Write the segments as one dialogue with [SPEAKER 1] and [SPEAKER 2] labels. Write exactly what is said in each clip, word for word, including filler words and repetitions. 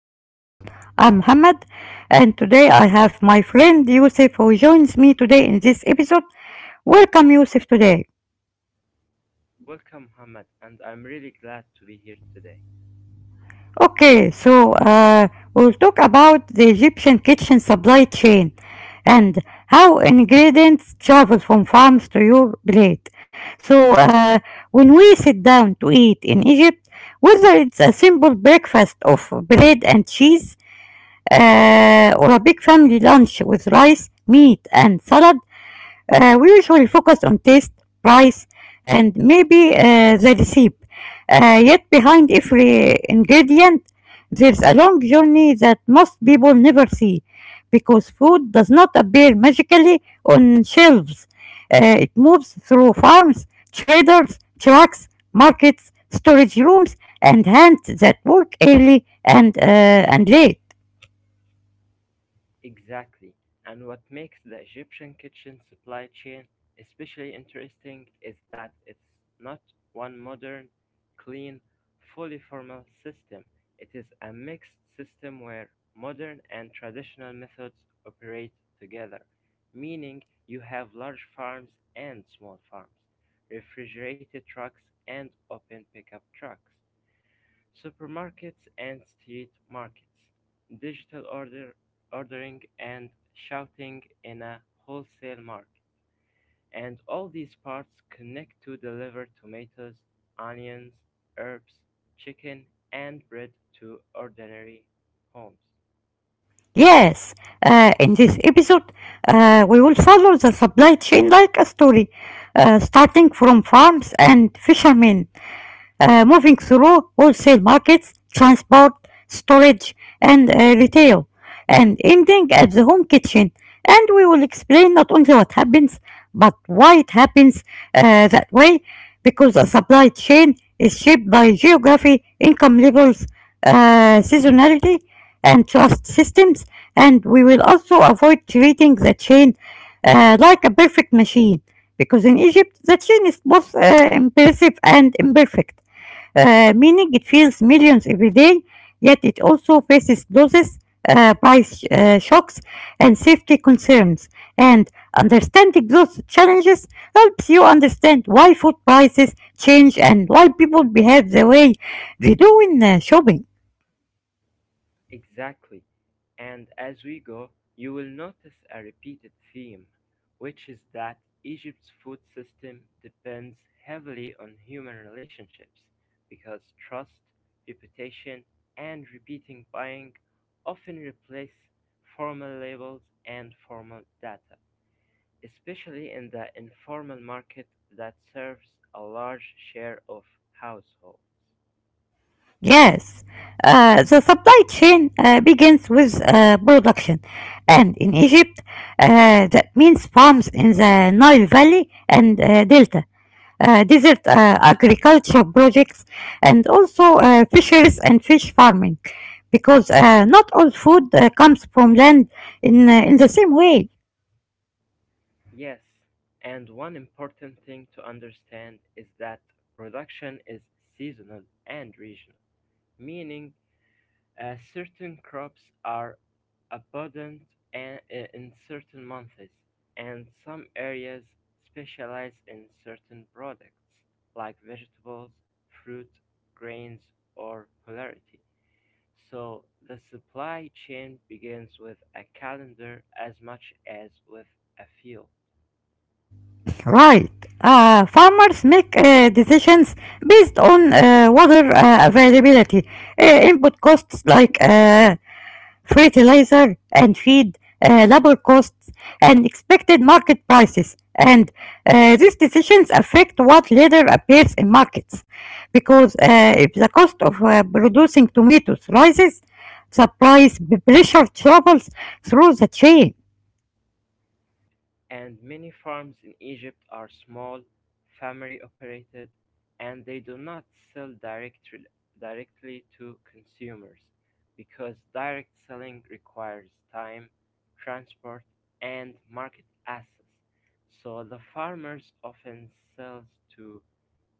[SPEAKER 1] new episode. I'm Muhammad, and today I have my friend Yusuf who joins me today in this episode. Welcome Yusuf today.
[SPEAKER 2] Welcome, Mohammed, and I'm really glad to be here today.
[SPEAKER 1] Okay, so uh, we'll talk about the Egyptian kitchen supply chain and how ingredients travel from farms to your plate. So uh, when we sit down to eat in Egypt, whether it's a simple breakfast of bread and cheese, uh, or a big family lunch with rice, meat, and salad. Uh, we usually focus on taste, price, and maybe uh, the recipe. Uh, yet behind every ingredient, there's a long journey that most people never see, because food does not appear magically on shelves. Uh, it moves through farms, traders, trucks, markets, storage rooms, and hands that work early and, uh, and late.
[SPEAKER 2] Exactly. And what makes the Egyptian kitchen supply chain especially interesting is that it's not one modern, clean, fully formal system. It is a mixed system where modern and traditional methods operate together, meaning you have large farms and small farms, refrigerated trucks and open pickup trucks. Supermarkets and street markets, digital order ordering, and shouting in a wholesale market. And all these parts connect to deliver tomatoes, onions, herbs, chicken, and bread to ordinary homes.
[SPEAKER 1] Yes, uh, in this episode, uh, we will follow the supply chain like a story, uh, starting from farms and fishermen, uh, moving through wholesale markets, transport, storage, and uh, retail, and ending at the home kitchen. And we will explain not only what happens, but why it happens uh, that way, because a supply chain is shaped by geography, income levels, uh, seasonality, and trust systems. And we will also avoid treating the chain uh, like a perfect machine, because in Egypt, the chain is both uh, impressive and imperfect, uh, meaning it feels millions every day, yet it also faces losses, uh, price uh, shocks, and safety concerns. And understanding those challenges helps you understand why food prices change and why people behave the way they do in uh, shopping.
[SPEAKER 2] Exactly. And as we go, you will notice a repeated theme, which is that Egypt's food system depends heavily on human relationships because trust, reputation, and repeating buying often replace formal labels and formal data, especially in the informal market that serves a large share of households.
[SPEAKER 1] Yes, uh, the supply chain uh, begins with uh, production, and in Egypt, uh, that means farms in the Nile Valley and uh, Delta, uh, desert uh, agriculture projects, and also uh, fisheries and fish farming, because uh, not all food uh, comes from land in uh, in the same way.
[SPEAKER 2] Yes, and one important thing to understand is that production is seasonal and regional, meaning uh, certain crops are abundant and, in certain months, and some areas specialize in certain products like vegetables, fruit, grains, or polarity. So the supply chain begins with a calendar as much as with a field.
[SPEAKER 1] Right. Uh, farmers make uh, decisions based on uh, water uh, availability, uh, input costs like uh, fertilizer and feed, uh, labor costs, and expected market prices. And uh, these decisions affect what later appears in markets, because uh, if the cost of uh, producing tomatoes rises, the price pressure travels through the chain.
[SPEAKER 2] And many farms in Egypt are small, family operated, and they do not sell directly directly to consumers because direct selling requires time, transport, and market access. So the farmers often sells to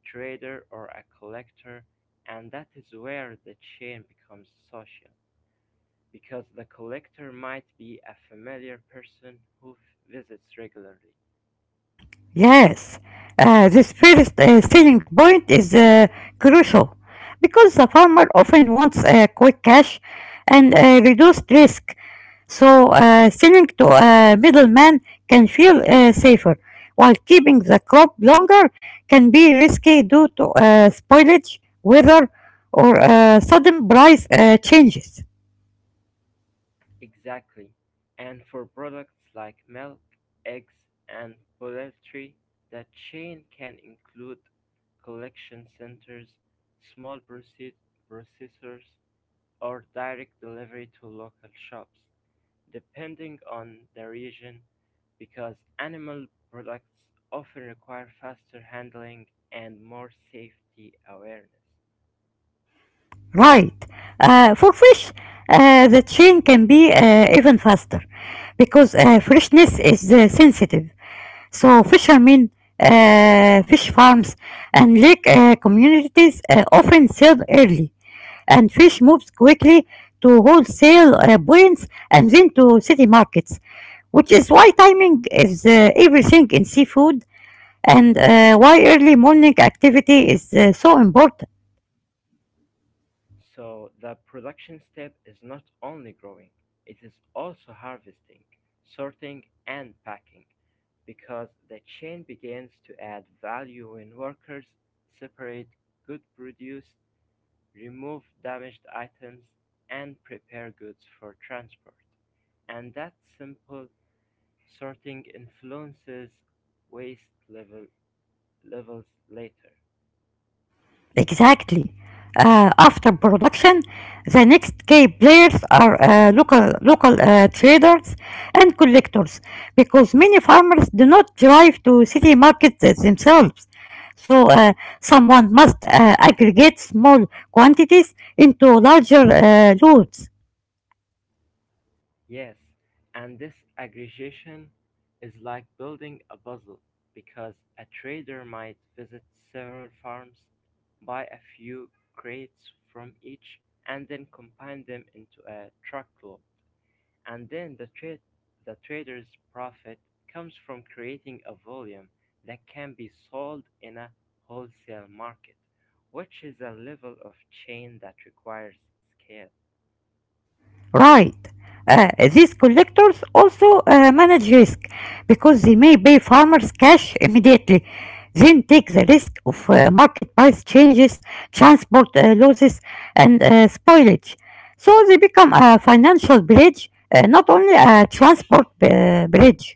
[SPEAKER 2] trader or a collector, and that is where the chain becomes social because the collector might be a familiar person who f- visits regularly.
[SPEAKER 1] Yes, uh, this first uh, selling point is uh, crucial, because the farmer often wants uh, quick cash and uh, reduced risk. So, uh, selling to a middleman can feel uh, safer, while keeping the crop longer can be risky due to uh, spoilage, weather, or uh, sudden price uh, changes.
[SPEAKER 2] Exactly, and for products like milk, eggs, and poultry, the chain can include collection centers, small proce- processors, or direct delivery to local shops, depending on the region, because animal products often require faster handling and more safety awareness.
[SPEAKER 1] Right. Uh, for fish, uh, the chain can be uh, even faster, because uh, freshness is uh, sensitive. So fishermen, uh, fish farms, and lake uh, communities uh, often sell early, and fish moves quickly to wholesale uh, points and then to city markets, which is why timing is uh, everything in seafood, and uh, why early morning activity is uh, so important.
[SPEAKER 2] So the production step is not only growing, it is also harvesting, sorting, and packing, because the chain begins to add value when workers separate good produce, remove damaged items, and prepare goods for transport. And that simple sorting influences waste level, levels later.
[SPEAKER 1] Exactly. Uh, after production, the next key players are uh, local local uh, traders and collectors, because many farmers do not drive to city markets themselves. So uh, someone must uh, aggregate small quantities into larger uh, loads.
[SPEAKER 2] Yes, and this aggregation is like building a puzzle because a trader might visit several farms, buy a few crates from each, and then combine them into a truckload. And then the, tra- the trader's profit comes from creating a volume that can be sold in a wholesale market, which is a level of chain that requires scale.
[SPEAKER 1] Right. Uh, these collectors also uh, manage risk, because they may pay farmers cash immediately, then take the risk of uh, market price changes, transport uh, losses, and uh, spoilage. So they become a financial bridge, uh, not only a transport uh, bridge.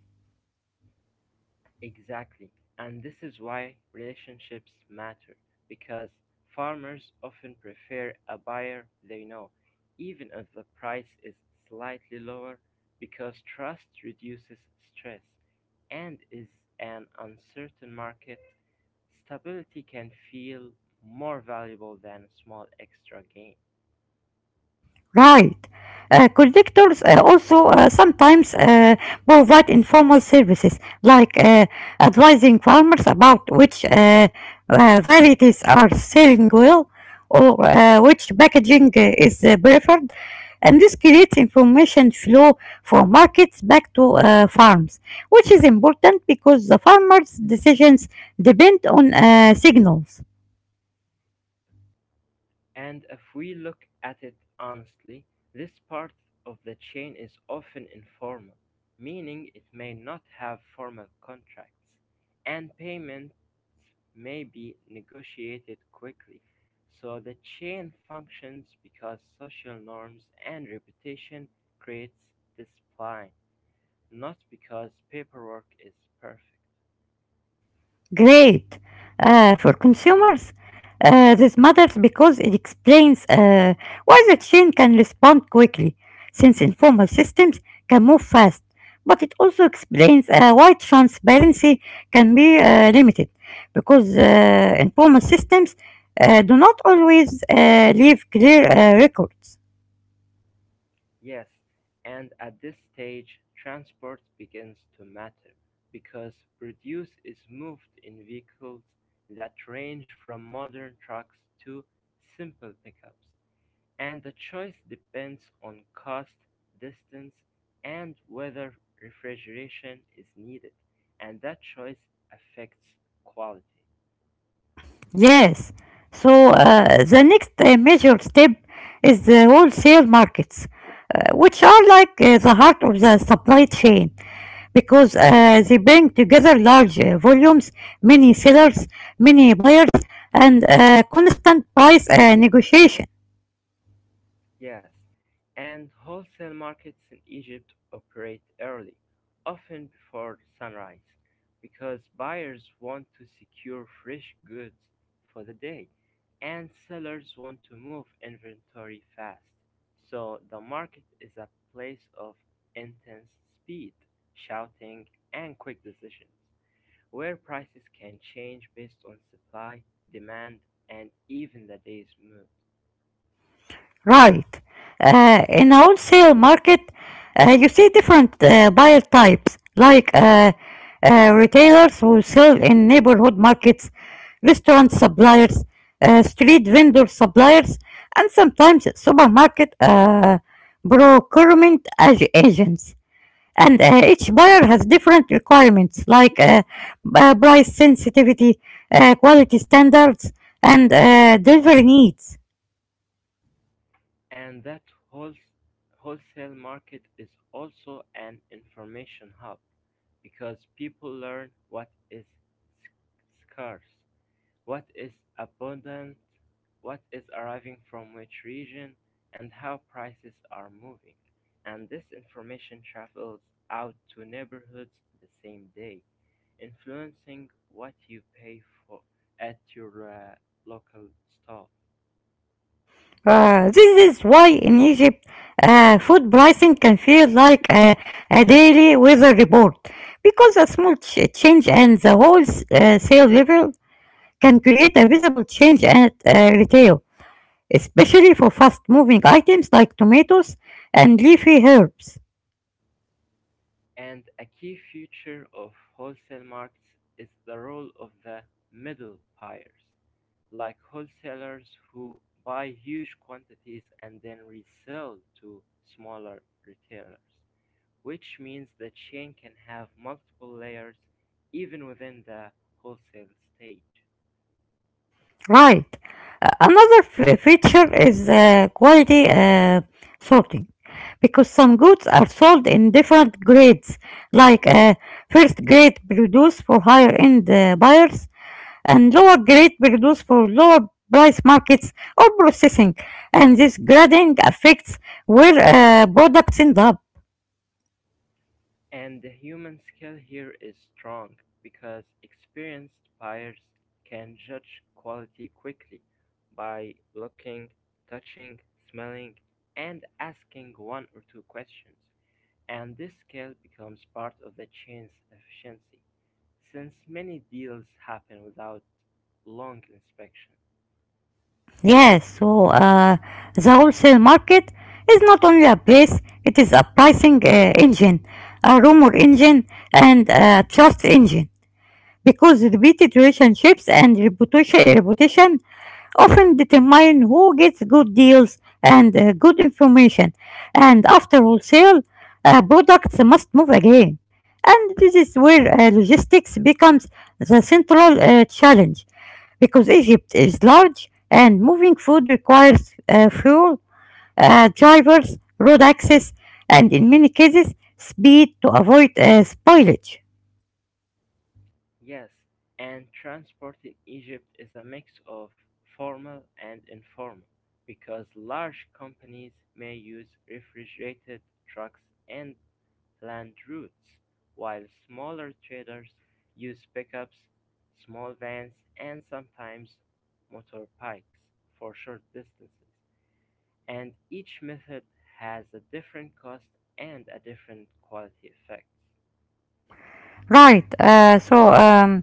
[SPEAKER 2] Exactly. And this is why relationships matter because farmers often prefer a buyer they know, even if the price is slightly lower, because trust reduces stress and in an uncertain market. Stability can feel more valuable than small extra gain.
[SPEAKER 1] Right. Uh, collectors uh, also uh, sometimes uh, provide informal services like uh, advising farmers about which uh, uh, varieties are selling well or uh, which packaging uh, is uh, preferred. And this creates information flow from markets back to uh, farms, which is important because the farmers' decisions depend on uh, signals.
[SPEAKER 2] And if we look at it honestly, this part of the chain is often informal, meaning it may not have formal contracts, and payments may be negotiated quickly. So the chain functions because social norms and reputation creates discipline, not because paperwork is perfect.
[SPEAKER 1] Great. Uh, for consumers, uh, this matters because it explains uh, why the chain can respond quickly, since informal systems can move fast. But it also explains uh, why transparency can be uh, limited, because uh, informal systems uh, do not always uh, leave clear uh, records.
[SPEAKER 2] Yes, and at this stage, transport begins to matter because produce is moved in vehicles that range from modern trucks to simple pickups, and the choice depends on cost, distance, and whether refrigeration is needed, and that choice affects quality.
[SPEAKER 1] Yes. So uh, the next uh, major step is the wholesale markets, uh, which are like uh, the heart of the supply chain, because uh, they bring together large uh, volumes, many sellers, many buyers, and uh, constant price uh, negotiation.
[SPEAKER 2] Yes, and wholesale markets in Egypt operate early, often before sunrise, because buyers want to secure fresh goods for the day, and sellers want to move inventory fast. So the market is a place of intense speed, shouting, and quick decisions, where prices can change based on supply, demand, and even the day's mood.
[SPEAKER 1] Right. Uh, in a wholesale market, uh, you see different uh, buyer types, like uh, uh, retailers who sell in neighborhood markets, restaurant suppliers, uh, street vendor suppliers, and sometimes supermarket uh, procurement ag- agents. And uh, each buyer has different requirements like uh, b- uh, price sensitivity, uh, quality standards, and uh, delivery needs.
[SPEAKER 2] And that wholes- wholesale market is also an information hub because people learn what is sc- scarce, what is abundant, what is arriving from which region, and how prices are moving. And this information travels out to neighborhoods the same day, influencing what you pay for at your uh, local store.
[SPEAKER 1] Uh, this is why in Egypt, uh, food pricing can feel like a, a daily weather report, because a small ch- change and the whole s- uh, sale level can create a visible change at uh, retail, especially for fast moving items like tomatoes and leafy herbs.
[SPEAKER 2] And a key feature of wholesale markets is the role of the middle buyers, like wholesalers who buy huge quantities and then resell to smaller retailers, which means the chain can have multiple layers even within the wholesale stage.
[SPEAKER 1] Right. Uh, another f- feature is uh, quality uh, sorting, because some goods are sold in different grades, like uh, first grade produce for higher end uh, buyers and lower grade produce for lower price markets or processing, and this grading affects where uh, products end up.
[SPEAKER 2] And the human scale here is strong because experienced buyers can judge quality quickly by looking, touching, smelling, and asking one or two questions. And this scale becomes part of the chain's efficiency since many deals happen without long inspection.
[SPEAKER 1] Yes, so uh, the wholesale market is not only a place, it is a pricing uh, engine, a rumor engine, and a trust engine, because repeated relationships and reputation, reputation often determine who gets good deals and uh, good information. And after wholesale, uh, products must move again. And this is where uh, logistics becomes the central uh, challenge, because Egypt is large and moving food requires uh, fuel, uh, drivers, road access, and in many cases, speed to avoid uh, spoilage.
[SPEAKER 2] Yes, and transport in Egypt is a mix of formal and informal because large companies may use refrigerated trucks and planned routes, while smaller traders use pickups, small vans, and sometimes motor for short distances. And each method has a different cost and a different quality effects.
[SPEAKER 1] Right. Uh, so, um,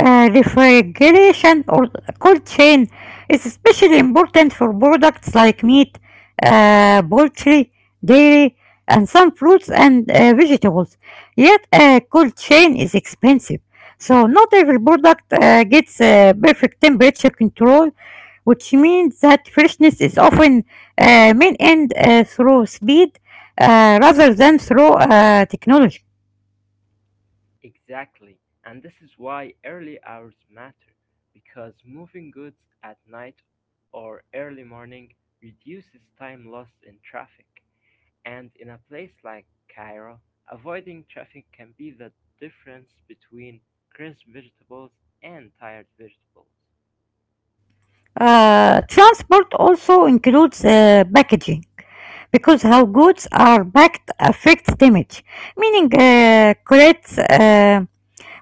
[SPEAKER 1] uh, refrigeration or cold chain is especially important for products like meat, uh, poultry, dairy, and some fruits and uh, vegetables. Yet, a cold chain is expensive. So, not every product uh, gets uh, perfect temperature control, which means that freshness is often uh, maintained uh, through speed uh, rather than through uh, technology.
[SPEAKER 2] Exactly, and this is why early hours matter, because moving goods at night or early morning reduces time lost in traffic. And in a place like Cairo, avoiding traffic can be the difference between crisp vegetables and tired vegetables.
[SPEAKER 1] Uh, transport also includes uh, packaging, because how goods are packed affects damage, meaning uh, crates uh,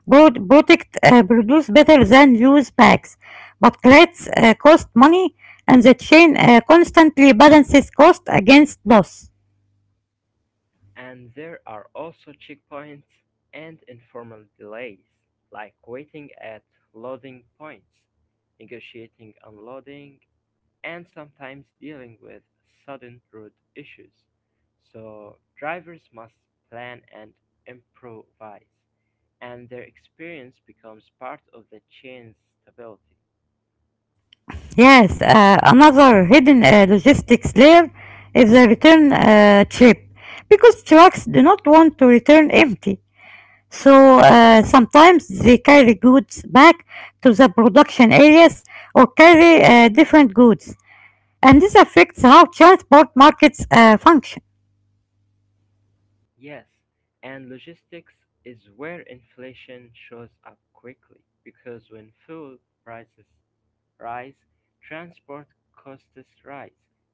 [SPEAKER 1] broad- product uh, produce better than loose bags, but crates uh, cost money, and the chain uh, constantly balances cost against loss.
[SPEAKER 2] And there are also checkpoints and informal delays, like waiting at loading points, negotiating unloading, and sometimes dealing with sudden road issues. So, drivers must plan and improvise, and their experience becomes part of the chain's stability.
[SPEAKER 1] Yes, uh, another hidden uh, logistics layer is the return uh, trip, because trucks do not want to return empty. So uh, sometimes they carry goods back to the production areas or carry uh, different goods, and this affects how transport markets uh, function.
[SPEAKER 2] Yes, and logistics is where inflation shows up quickly because when fuel prices rise, transport costs rise,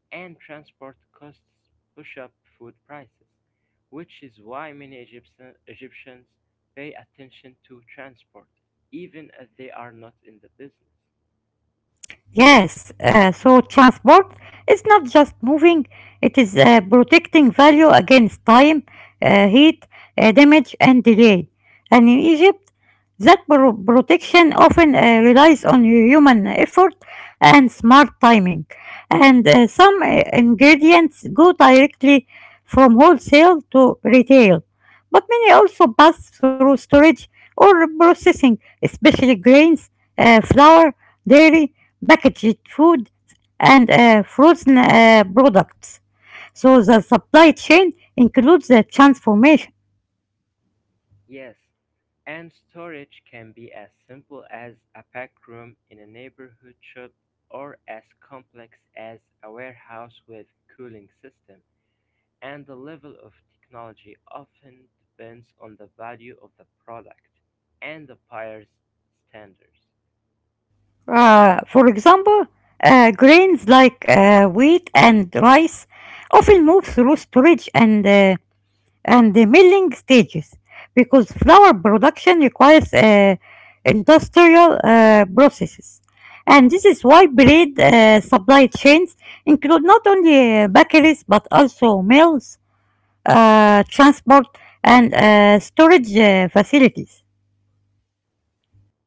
[SPEAKER 2] and transport costs push up food prices, which is why many Egyptian, Egyptians pay attention to transport, even if they are not in the business.
[SPEAKER 1] Yes, uh, so transport is not just moving, it is uh, protecting value against time, uh, heat, uh, damage, and delay. And in Egypt, that pro- protection often uh, relies on human effort and smart timing. And uh, some uh, ingredients go directly from wholesale to retail, but many also pass through storage or processing, especially grains, uh, flour, dairy, packaged food, and uh, frozen uh, products. So the supply chain includes the transformation.
[SPEAKER 2] Yes, and storage can be as simple as a pack room in a neighborhood shop or as complex as a warehouse with cooling system, and the level of technology often depends on the value of the product and the buyer's standards.
[SPEAKER 1] Uh, for example, uh, grains like uh, wheat and rice often move through storage and uh, and the milling stages, because flour production requires uh, industrial uh, processes. And this is why bread uh, supply chains include not only uh, bakeries but also mills, uh, transport, and uh, storage uh, facilities.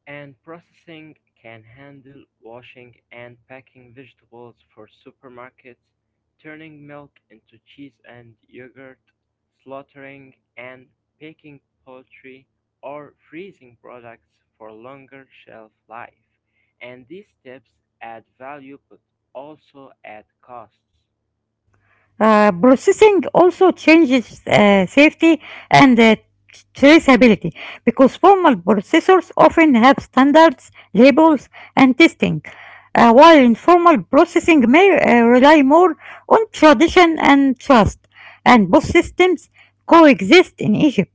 [SPEAKER 2] And processing can handle washing and packing vegetables for supermarkets, turning milk into cheese and yogurt, slaughtering and packing poultry, or freezing products for longer shelf life. And these steps add value but also add costs.
[SPEAKER 1] Uh, processing also changes uh, safety and uh, traceability, because formal processors often have standards, labels, and testing, uh, while informal processing may uh, rely more on tradition and trust, and both systems coexist in Egypt.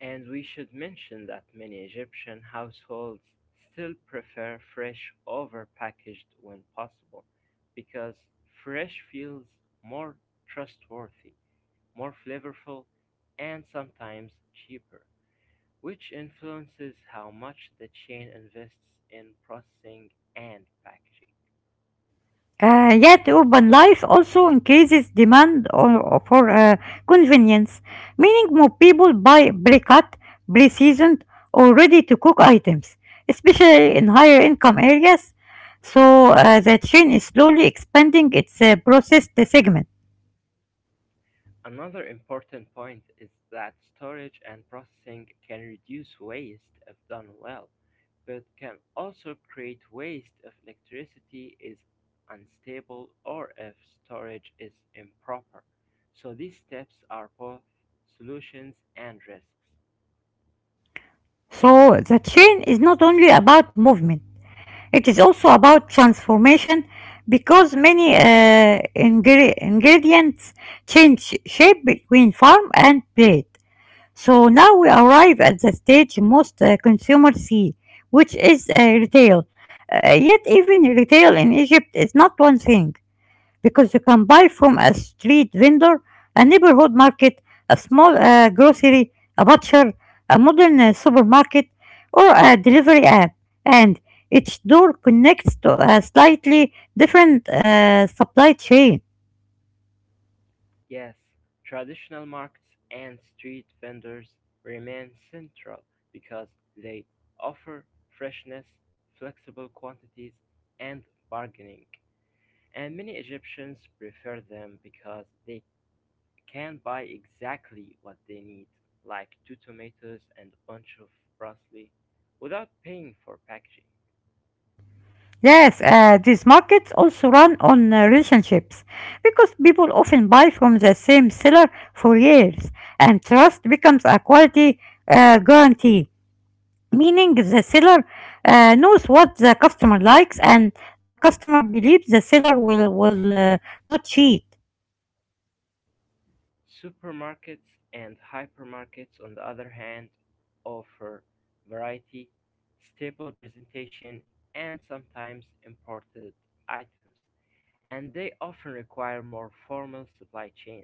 [SPEAKER 2] And we should mention that many Egyptian households still prefer fresh over packaged when possible because fresh feels more trustworthy, more flavorful, and sometimes cheaper, which influences how much the chain invests in processing and packaging.
[SPEAKER 1] Uh, yet urban life also increases demand o- o- for uh, convenience, meaning more people buy pre-cut, pre-seasoned, or ready-to-cook items, especially in higher income areas. So uh, the chain is slowly expanding its uh, processed segment.
[SPEAKER 2] Another important point is that storage and processing can reduce waste if done well, but can also create waste if electricity is unstable or if storage is improper. So these steps are both solutions and risks.
[SPEAKER 1] So the chain is not only about movement; it is also about transformation, because many uh, ingre- ingredients change shape between farm and plate. So now we arrive at the stage most uh, consumers see, which is uh, retail. Uh, yet even retail in Egypt is not one thing, because you can buy from a street vendor, a neighborhood market, a small uh, grocery, a butcher, a modern uh, supermarket, or a delivery app, and each door connects to a slightly different uh, supply chain.
[SPEAKER 2] Yes, traditional markets and street vendors remain central because they offer freshness, flexible quantities, and bargaining. And many Egyptians prefer them because they can buy exactly what they need, like two tomatoes and a bunch of parsley, without paying for packaging.
[SPEAKER 1] Yes, uh, these markets also run on uh, relationships, because people often buy from the same seller for years, and trust becomes a quality uh, guarantee, meaning the seller uh, knows what the customer likes and the customer believes the seller will, will uh, not cheat.
[SPEAKER 2] Supermarkets and hypermarkets, on the other hand, offer variety, stable presentation, and sometimes imported items, and they often require more formal supply chains,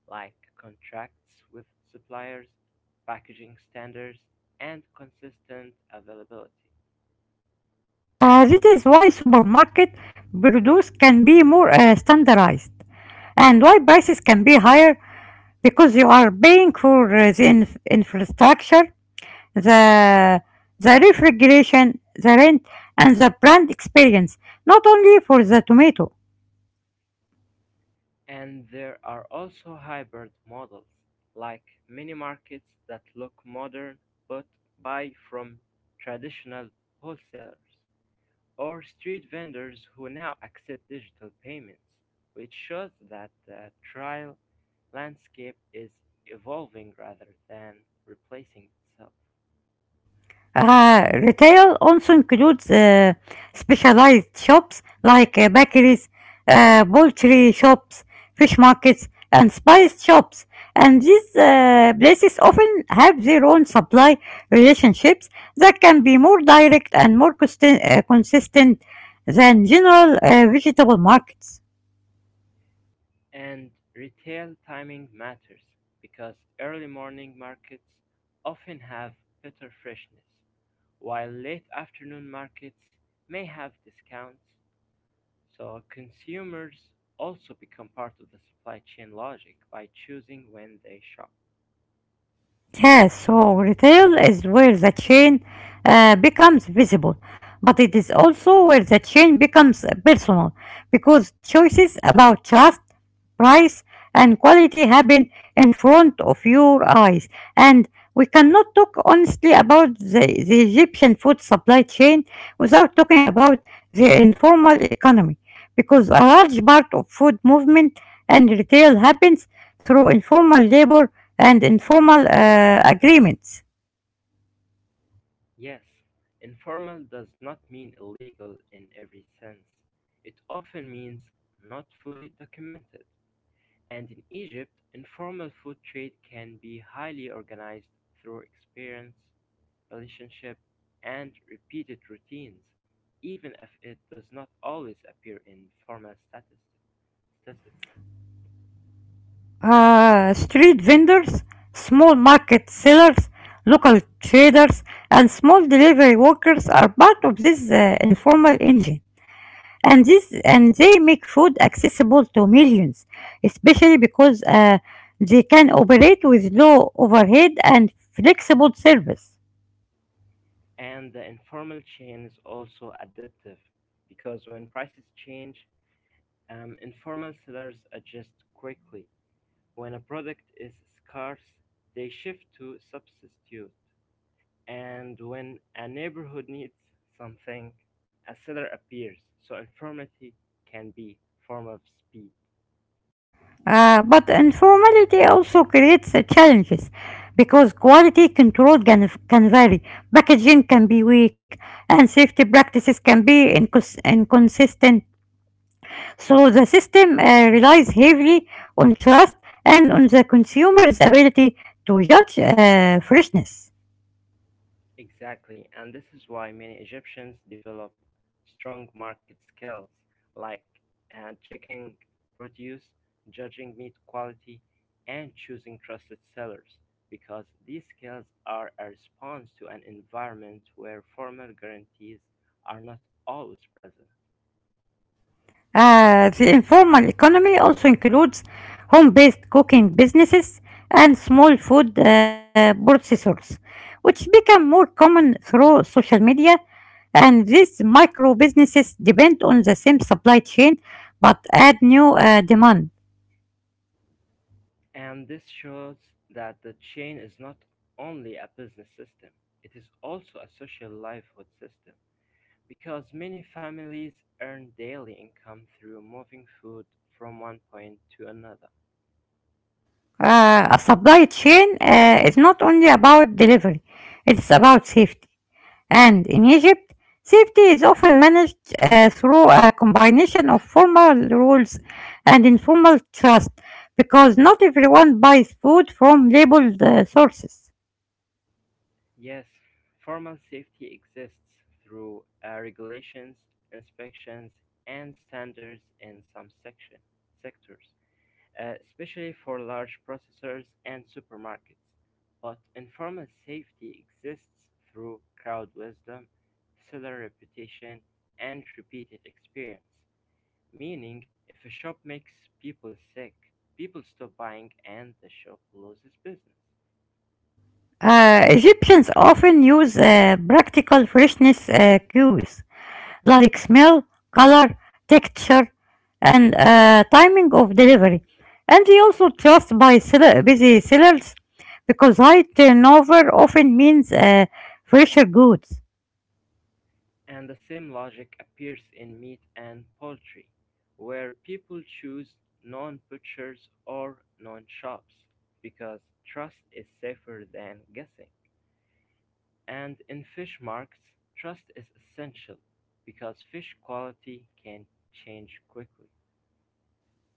[SPEAKER 2] like contracts with suppliers, packaging standards, and consistent availability.
[SPEAKER 1] Uh, this is why supermarket produce can be more uh, standardized and why prices can be higher, because you are paying for uh, the inf- infrastructure, the the refrigeration, the rent, and the brand experience, not only for the tomato.
[SPEAKER 2] And there are also hybrid models, like mini-markets that look modern but buy from traditional wholesalers, or street vendors who now accept digital payments, which shows that the trial landscape is evolving rather than replacing itself.
[SPEAKER 1] Uh, retail also includes uh, specialized shops like uh, bakeries, uh, poultry shops, fish markets, and spice shops. And these uh, places often have their own supply relationships that can be more direct and more consist- uh, consistent than general uh, vegetable markets.
[SPEAKER 2] And retail timing matters because early morning markets often have better freshness, while late afternoon markets may have discounts. So consumers also become part of the supply chain logic by choosing when they shop.
[SPEAKER 1] Yeah, so retail is where the chain uh, becomes visible, but it is also where the chain becomes personal because choices about trust, price, and quality happen in front of your eyes. And we cannot talk honestly about the, the Egyptian food supply chain without talking about the informal economy because a large part of food movement and retail happens through informal labor and informal uh, agreements.
[SPEAKER 2] Yes, informal does not mean illegal in every sense. It often means not fully documented. And in Egypt, informal food trade can be highly organized through experience, relationship, and repeated routines, even if it does not always appear in formal statistics.
[SPEAKER 1] Uh, street vendors, small market sellers, local traders, and small delivery workers are part of this uh, informal engine. And this and they make food accessible to millions, especially because uh, they can operate with low overhead and flexible service.
[SPEAKER 2] And the informal chain is also adaptive because when prices change, um, informal sellers adjust quickly. When a product is scarce, they shift to substitute. And when a neighborhood needs something, a seller appears, so informality can be a form of speed.
[SPEAKER 1] Uh, but informality also creates uh, challenges because quality control can, can vary, packaging can be weak, and safety practices can be incons- inconsistent. So the system uh, relies heavily on trust and on the consumer's ability to judge uh, freshness.
[SPEAKER 2] Exactly, and this is why many Egyptians develop strong market skills like uh, checking produce, judging meat quality, and choosing trusted sellers because these skills are a response to an environment where formal guarantees are not always present.
[SPEAKER 1] Uh, the informal economy also includes home based cooking businesses and small food uh, processors, which become more common through social media. And these micro businesses depend on the same supply chain but add new uh, demand.
[SPEAKER 2] And this shows that the chain is not only a business system, it is also a social livelihood system because many families earn daily income through moving food from one point to another.
[SPEAKER 1] Uh, a supply chain uh, is not only about delivery, it's about safety. And in Egypt, safety is often managed uh, through a combination of formal rules and informal trust because not everyone buys food from labeled uh, sources.
[SPEAKER 2] Yes, formal safety exists through uh, regulations, inspections, and standards in some section sectors, uh, especially for large processors and supermarkets, but informal safety exists through crowd wisdom, seller reputation, and repeated experience. Meaning, if a shop makes people sick, people stop buying and the shop loses business.
[SPEAKER 1] Uh, Egyptians often use uh, practical freshness uh, cues like smell, color, texture, and uh, timing of delivery. And they also trust by seller, busy sellers because high turnover often means uh, fresher goods.
[SPEAKER 2] And the same logic appears in meat and poultry, where people choose non butchers or non shops because trust is safer than guessing. And in fish markets, trust is essential because fish quality can change quickly.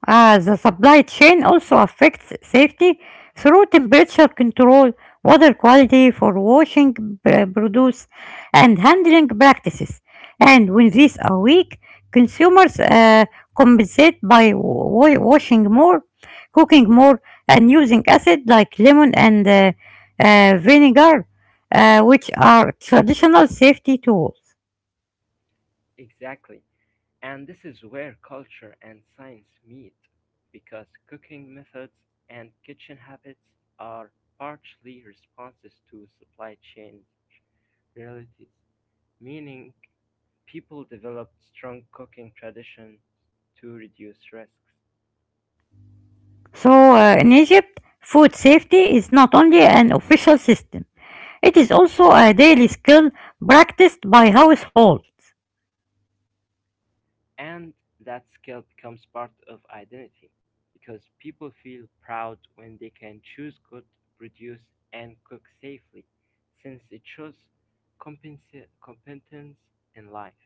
[SPEAKER 1] Uh, the supply chain also affects safety through temperature control, water quality for washing pr- produce, and handling practices. And when these are weak, consumers uh, compensate by wa- washing more, cooking more, and using acid like lemon and uh, uh, vinegar, uh, which are traditional safety tools.
[SPEAKER 2] Exactly. And this is where culture and science meet because cooking methods and kitchen habits are partially responses to supply chain realities, meaning people developed strong cooking traditions to reduce risks.
[SPEAKER 1] So, uh, in Egypt, food safety is not only an official system. It is also a daily skill practiced by households.
[SPEAKER 2] And that skill becomes part of identity because people feel proud when they can choose good, produce, and cook safely since it shows compensa- competence in life.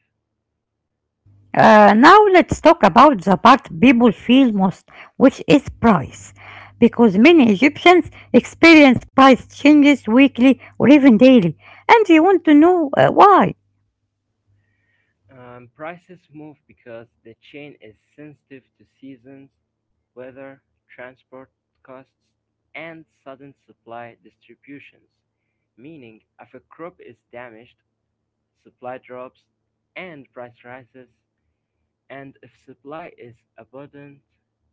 [SPEAKER 1] Uh, now let's talk about the part people feel most, which is price. Because many Egyptians experience price changes weekly or even daily, and they want to know uh, why.
[SPEAKER 2] Um, prices move because the chain is sensitive to seasons, weather, transport costs, and sudden supply distributions, meaning if a crop is damaged, supply drops, and price rises. And if supply is abundant,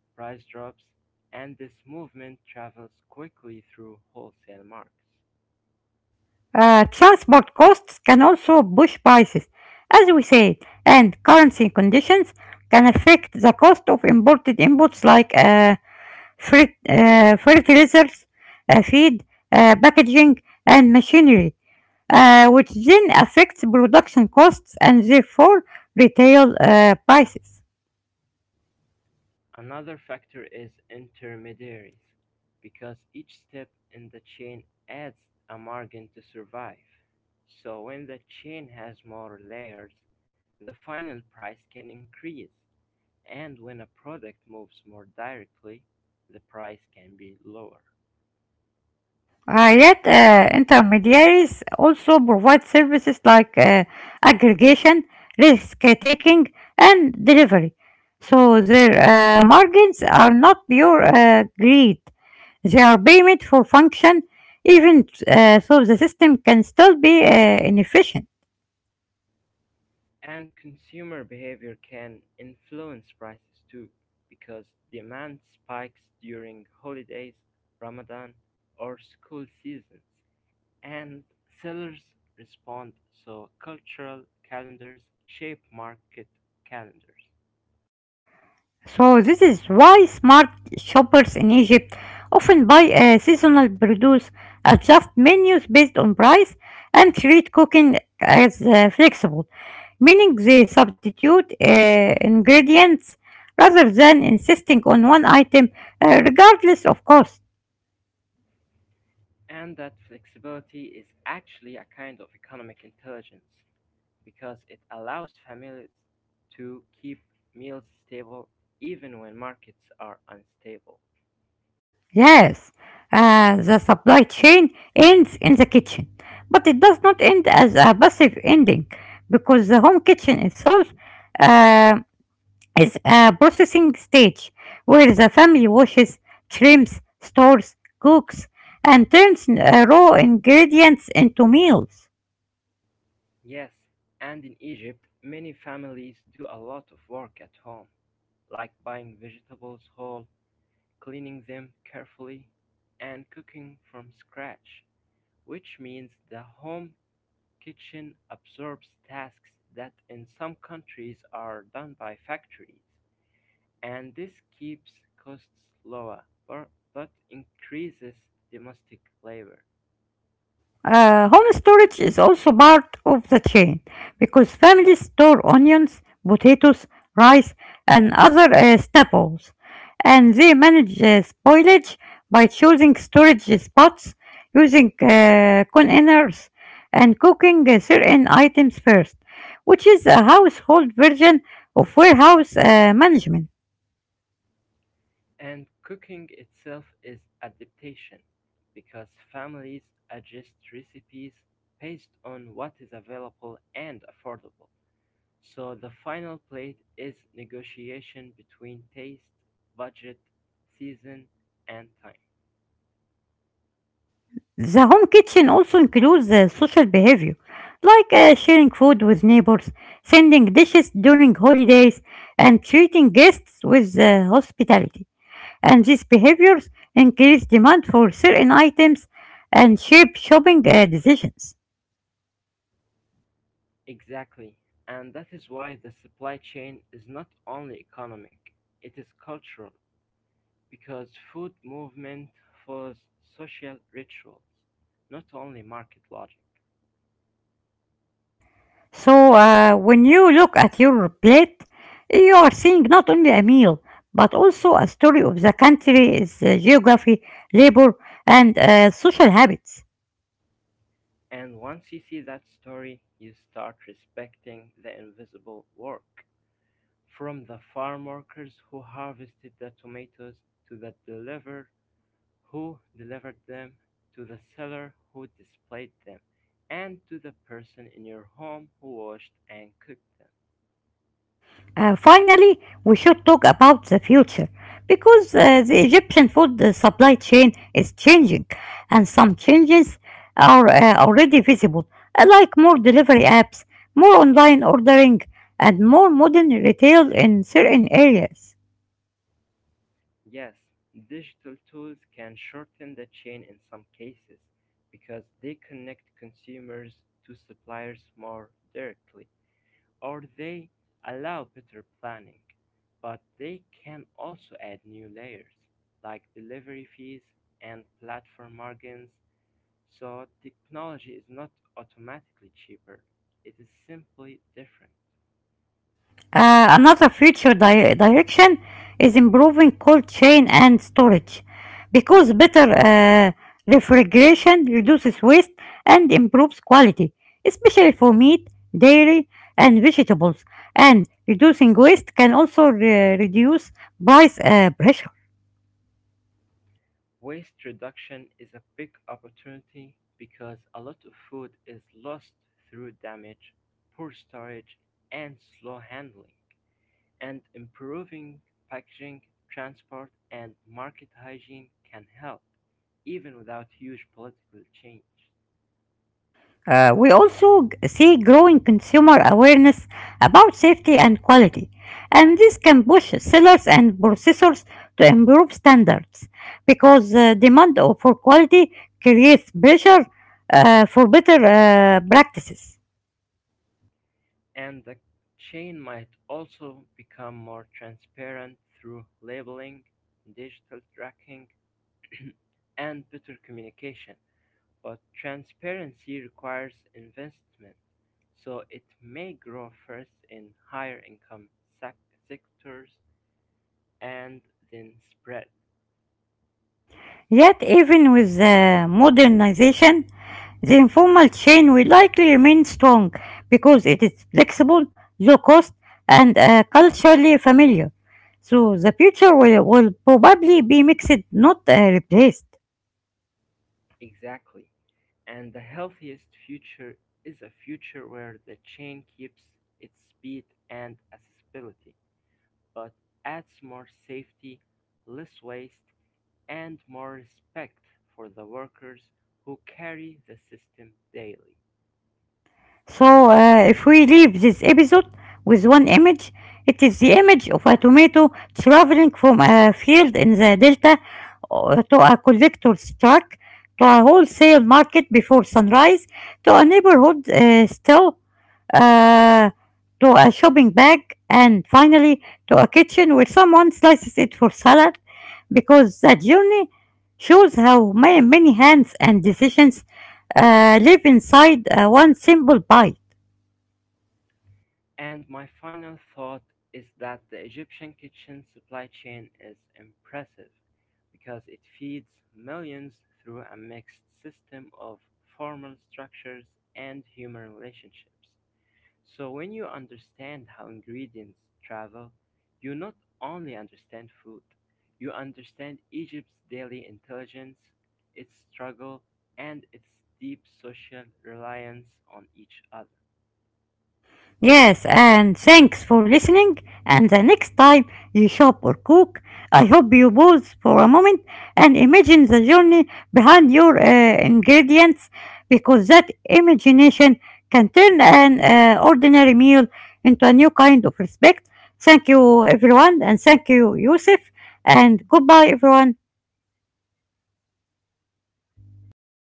[SPEAKER 2] price drops, and this movement travels quickly through wholesale marks.
[SPEAKER 1] Uh, transport costs can also push prices, as we said, and currency conditions can affect the cost of imported inputs like uh, fertilizers, uh, fertilizers, uh, feed, uh, packaging, and machinery, uh, which then affects production costs and therefore retail uh, prices.
[SPEAKER 2] Another factor is intermediaries, because each step in the chain adds a margin to survive. So when the chain has more layers, the final price can increase, and when a product moves more directly, the price can be lower.
[SPEAKER 1] Uh, yet, uh, intermediaries also provide services like uh, aggregation, risk taking, and delivery. So their uh, margins are not pure uh, greed. They are payment for function, even uh, so the system can still be uh, inefficient.
[SPEAKER 2] And consumer behavior can influence prices too, because demand spikes during holidays, Ramadan, or school seasons, and sellers respond. So, cultural calendars shape market calendars.
[SPEAKER 1] So this is why smart shoppers in Egypt often buy uh, seasonal produce, adjust menus based on price, and treat cooking as uh, flexible, meaning they substitute uh, ingredients rather than insisting on one item uh, regardless of cost.
[SPEAKER 2] And that flexibility is actually a kind of economic intelligence because it allows families to keep meals stable even when markets are unstable.
[SPEAKER 1] Yes, uh, the supply chain ends in the kitchen, but it does not end as a passive ending because the home kitchen itself um is a processing stage where the family washes, trims, stores, cooks, and turns uh, raw ingredients into meals.
[SPEAKER 2] Yes, and in Egypt, many families do a lot of work at home, like buying vegetables whole, cleaning them carefully, and cooking from scratch, which means the home kitchen absorbs tasks that in some countries are done by factories, and this keeps costs lower but, but increases domestic labor.
[SPEAKER 1] Uh, home storage is also part of the chain because families store onions, potatoes, rice, and other uh, staples, and they manage uh, spoilage by choosing storage spots, using uh, containers, and cooking uh, certain items first, which is a household version of warehouse uh, management.
[SPEAKER 2] And cooking itself is adaptation, because families adjust recipes based on what is available and affordable. So the final plate is negotiation between taste, budget, season, and time.
[SPEAKER 1] The home kitchen also includes uh, social behavior, like uh, sharing food with neighbors, sending dishes during holidays, and treating guests with uh, hospitality. And these behaviors increase demand for certain items and shape shopping uh, decisions.
[SPEAKER 2] Exactly. And that is why the supply chain is not only economic, it is cultural, because food movement follows social rituals, not only market logic.
[SPEAKER 1] So, uh, when you look at your plate, you are seeing not only a meal, but also a story of the country, its uh, geography, labor, and uh, social habits.
[SPEAKER 2] And once you see that story, you start respecting the invisible work. From the farm workers who harvested the tomatoes to the deliverer who delivered them, to the seller who displayed them, and to the person in your home who washed and cooked them.
[SPEAKER 1] Uh, finally, we should talk about the future because uh, the Egyptian food uh, supply chain is changing, and some changes are uh, already visible, uh, like more delivery apps, more online ordering, and more modern retail in certain areas.
[SPEAKER 2] Yes, digital tools can shorten the chain in some cases because they connect consumers to suppliers more directly. Or they allow better planning, but they can also add new layers, like delivery fees and platform margins, so technology is not automatically cheaper, it is simply different.
[SPEAKER 1] Uh, another future di- direction is improving cold chain and storage because better uh, refrigeration reduces waste and improves quality, especially for meat, dairy, and vegetables. And reducing waste can also re- reduce price uh, pressure.
[SPEAKER 2] Waste reduction is a big opportunity because a lot of food is lost through damage, poor storage, and slow handling. And improving packaging, transport, and market hygiene can help, even without huge political change.
[SPEAKER 1] Uh, we also see growing consumer awareness about safety and quality, and this can push sellers and processors to improve standards because uh, demand for quality creates pressure uh, for better uh, practices.
[SPEAKER 2] And the chain might also become more transparent through labeling, digital tracking, and better communication. But transparency requires investment, so it may grow first in higher income sectors and then spread.
[SPEAKER 1] Yet, even with the modernization, the informal chain will likely remain strong because it is flexible, low cost, and uh, culturally familiar. So the future will, will probably be mixed, not uh, replaced.
[SPEAKER 2] Exactly. And the healthiest future is a future where the chain keeps its speed and accessibility, but adds more safety, less waste, and more respect for the workers who carry the system daily.
[SPEAKER 1] So, uh, if we leave this episode with one image, it is the image of a tomato traveling from a field in the delta uh, to a collector's truck to a wholesale market before sunrise to a neighborhood uh, still uh, to a shopping bag and finally to a kitchen where someone slices it for salad because that journey shows how ma- many hands and decisions uh, live inside uh, one simple bite.
[SPEAKER 2] And my final thought is that the Egyptian kitchen supply chain is impressive because it feeds millions through a mixed system of formal structures and human relationships. So when you understand how ingredients travel, you not only understand food, you understand Egypt's daily intelligence, its struggle, and its deep social reliance on each other.
[SPEAKER 1] Yes, and thanks for listening. And the next time you shop or cook, I hope you pause for a moment and imagine the journey behind your uh, ingredients because that imagination can turn an uh, ordinary meal into a new kind of respect. Thank you, everyone, and thank you, Yusuf, and goodbye, everyone.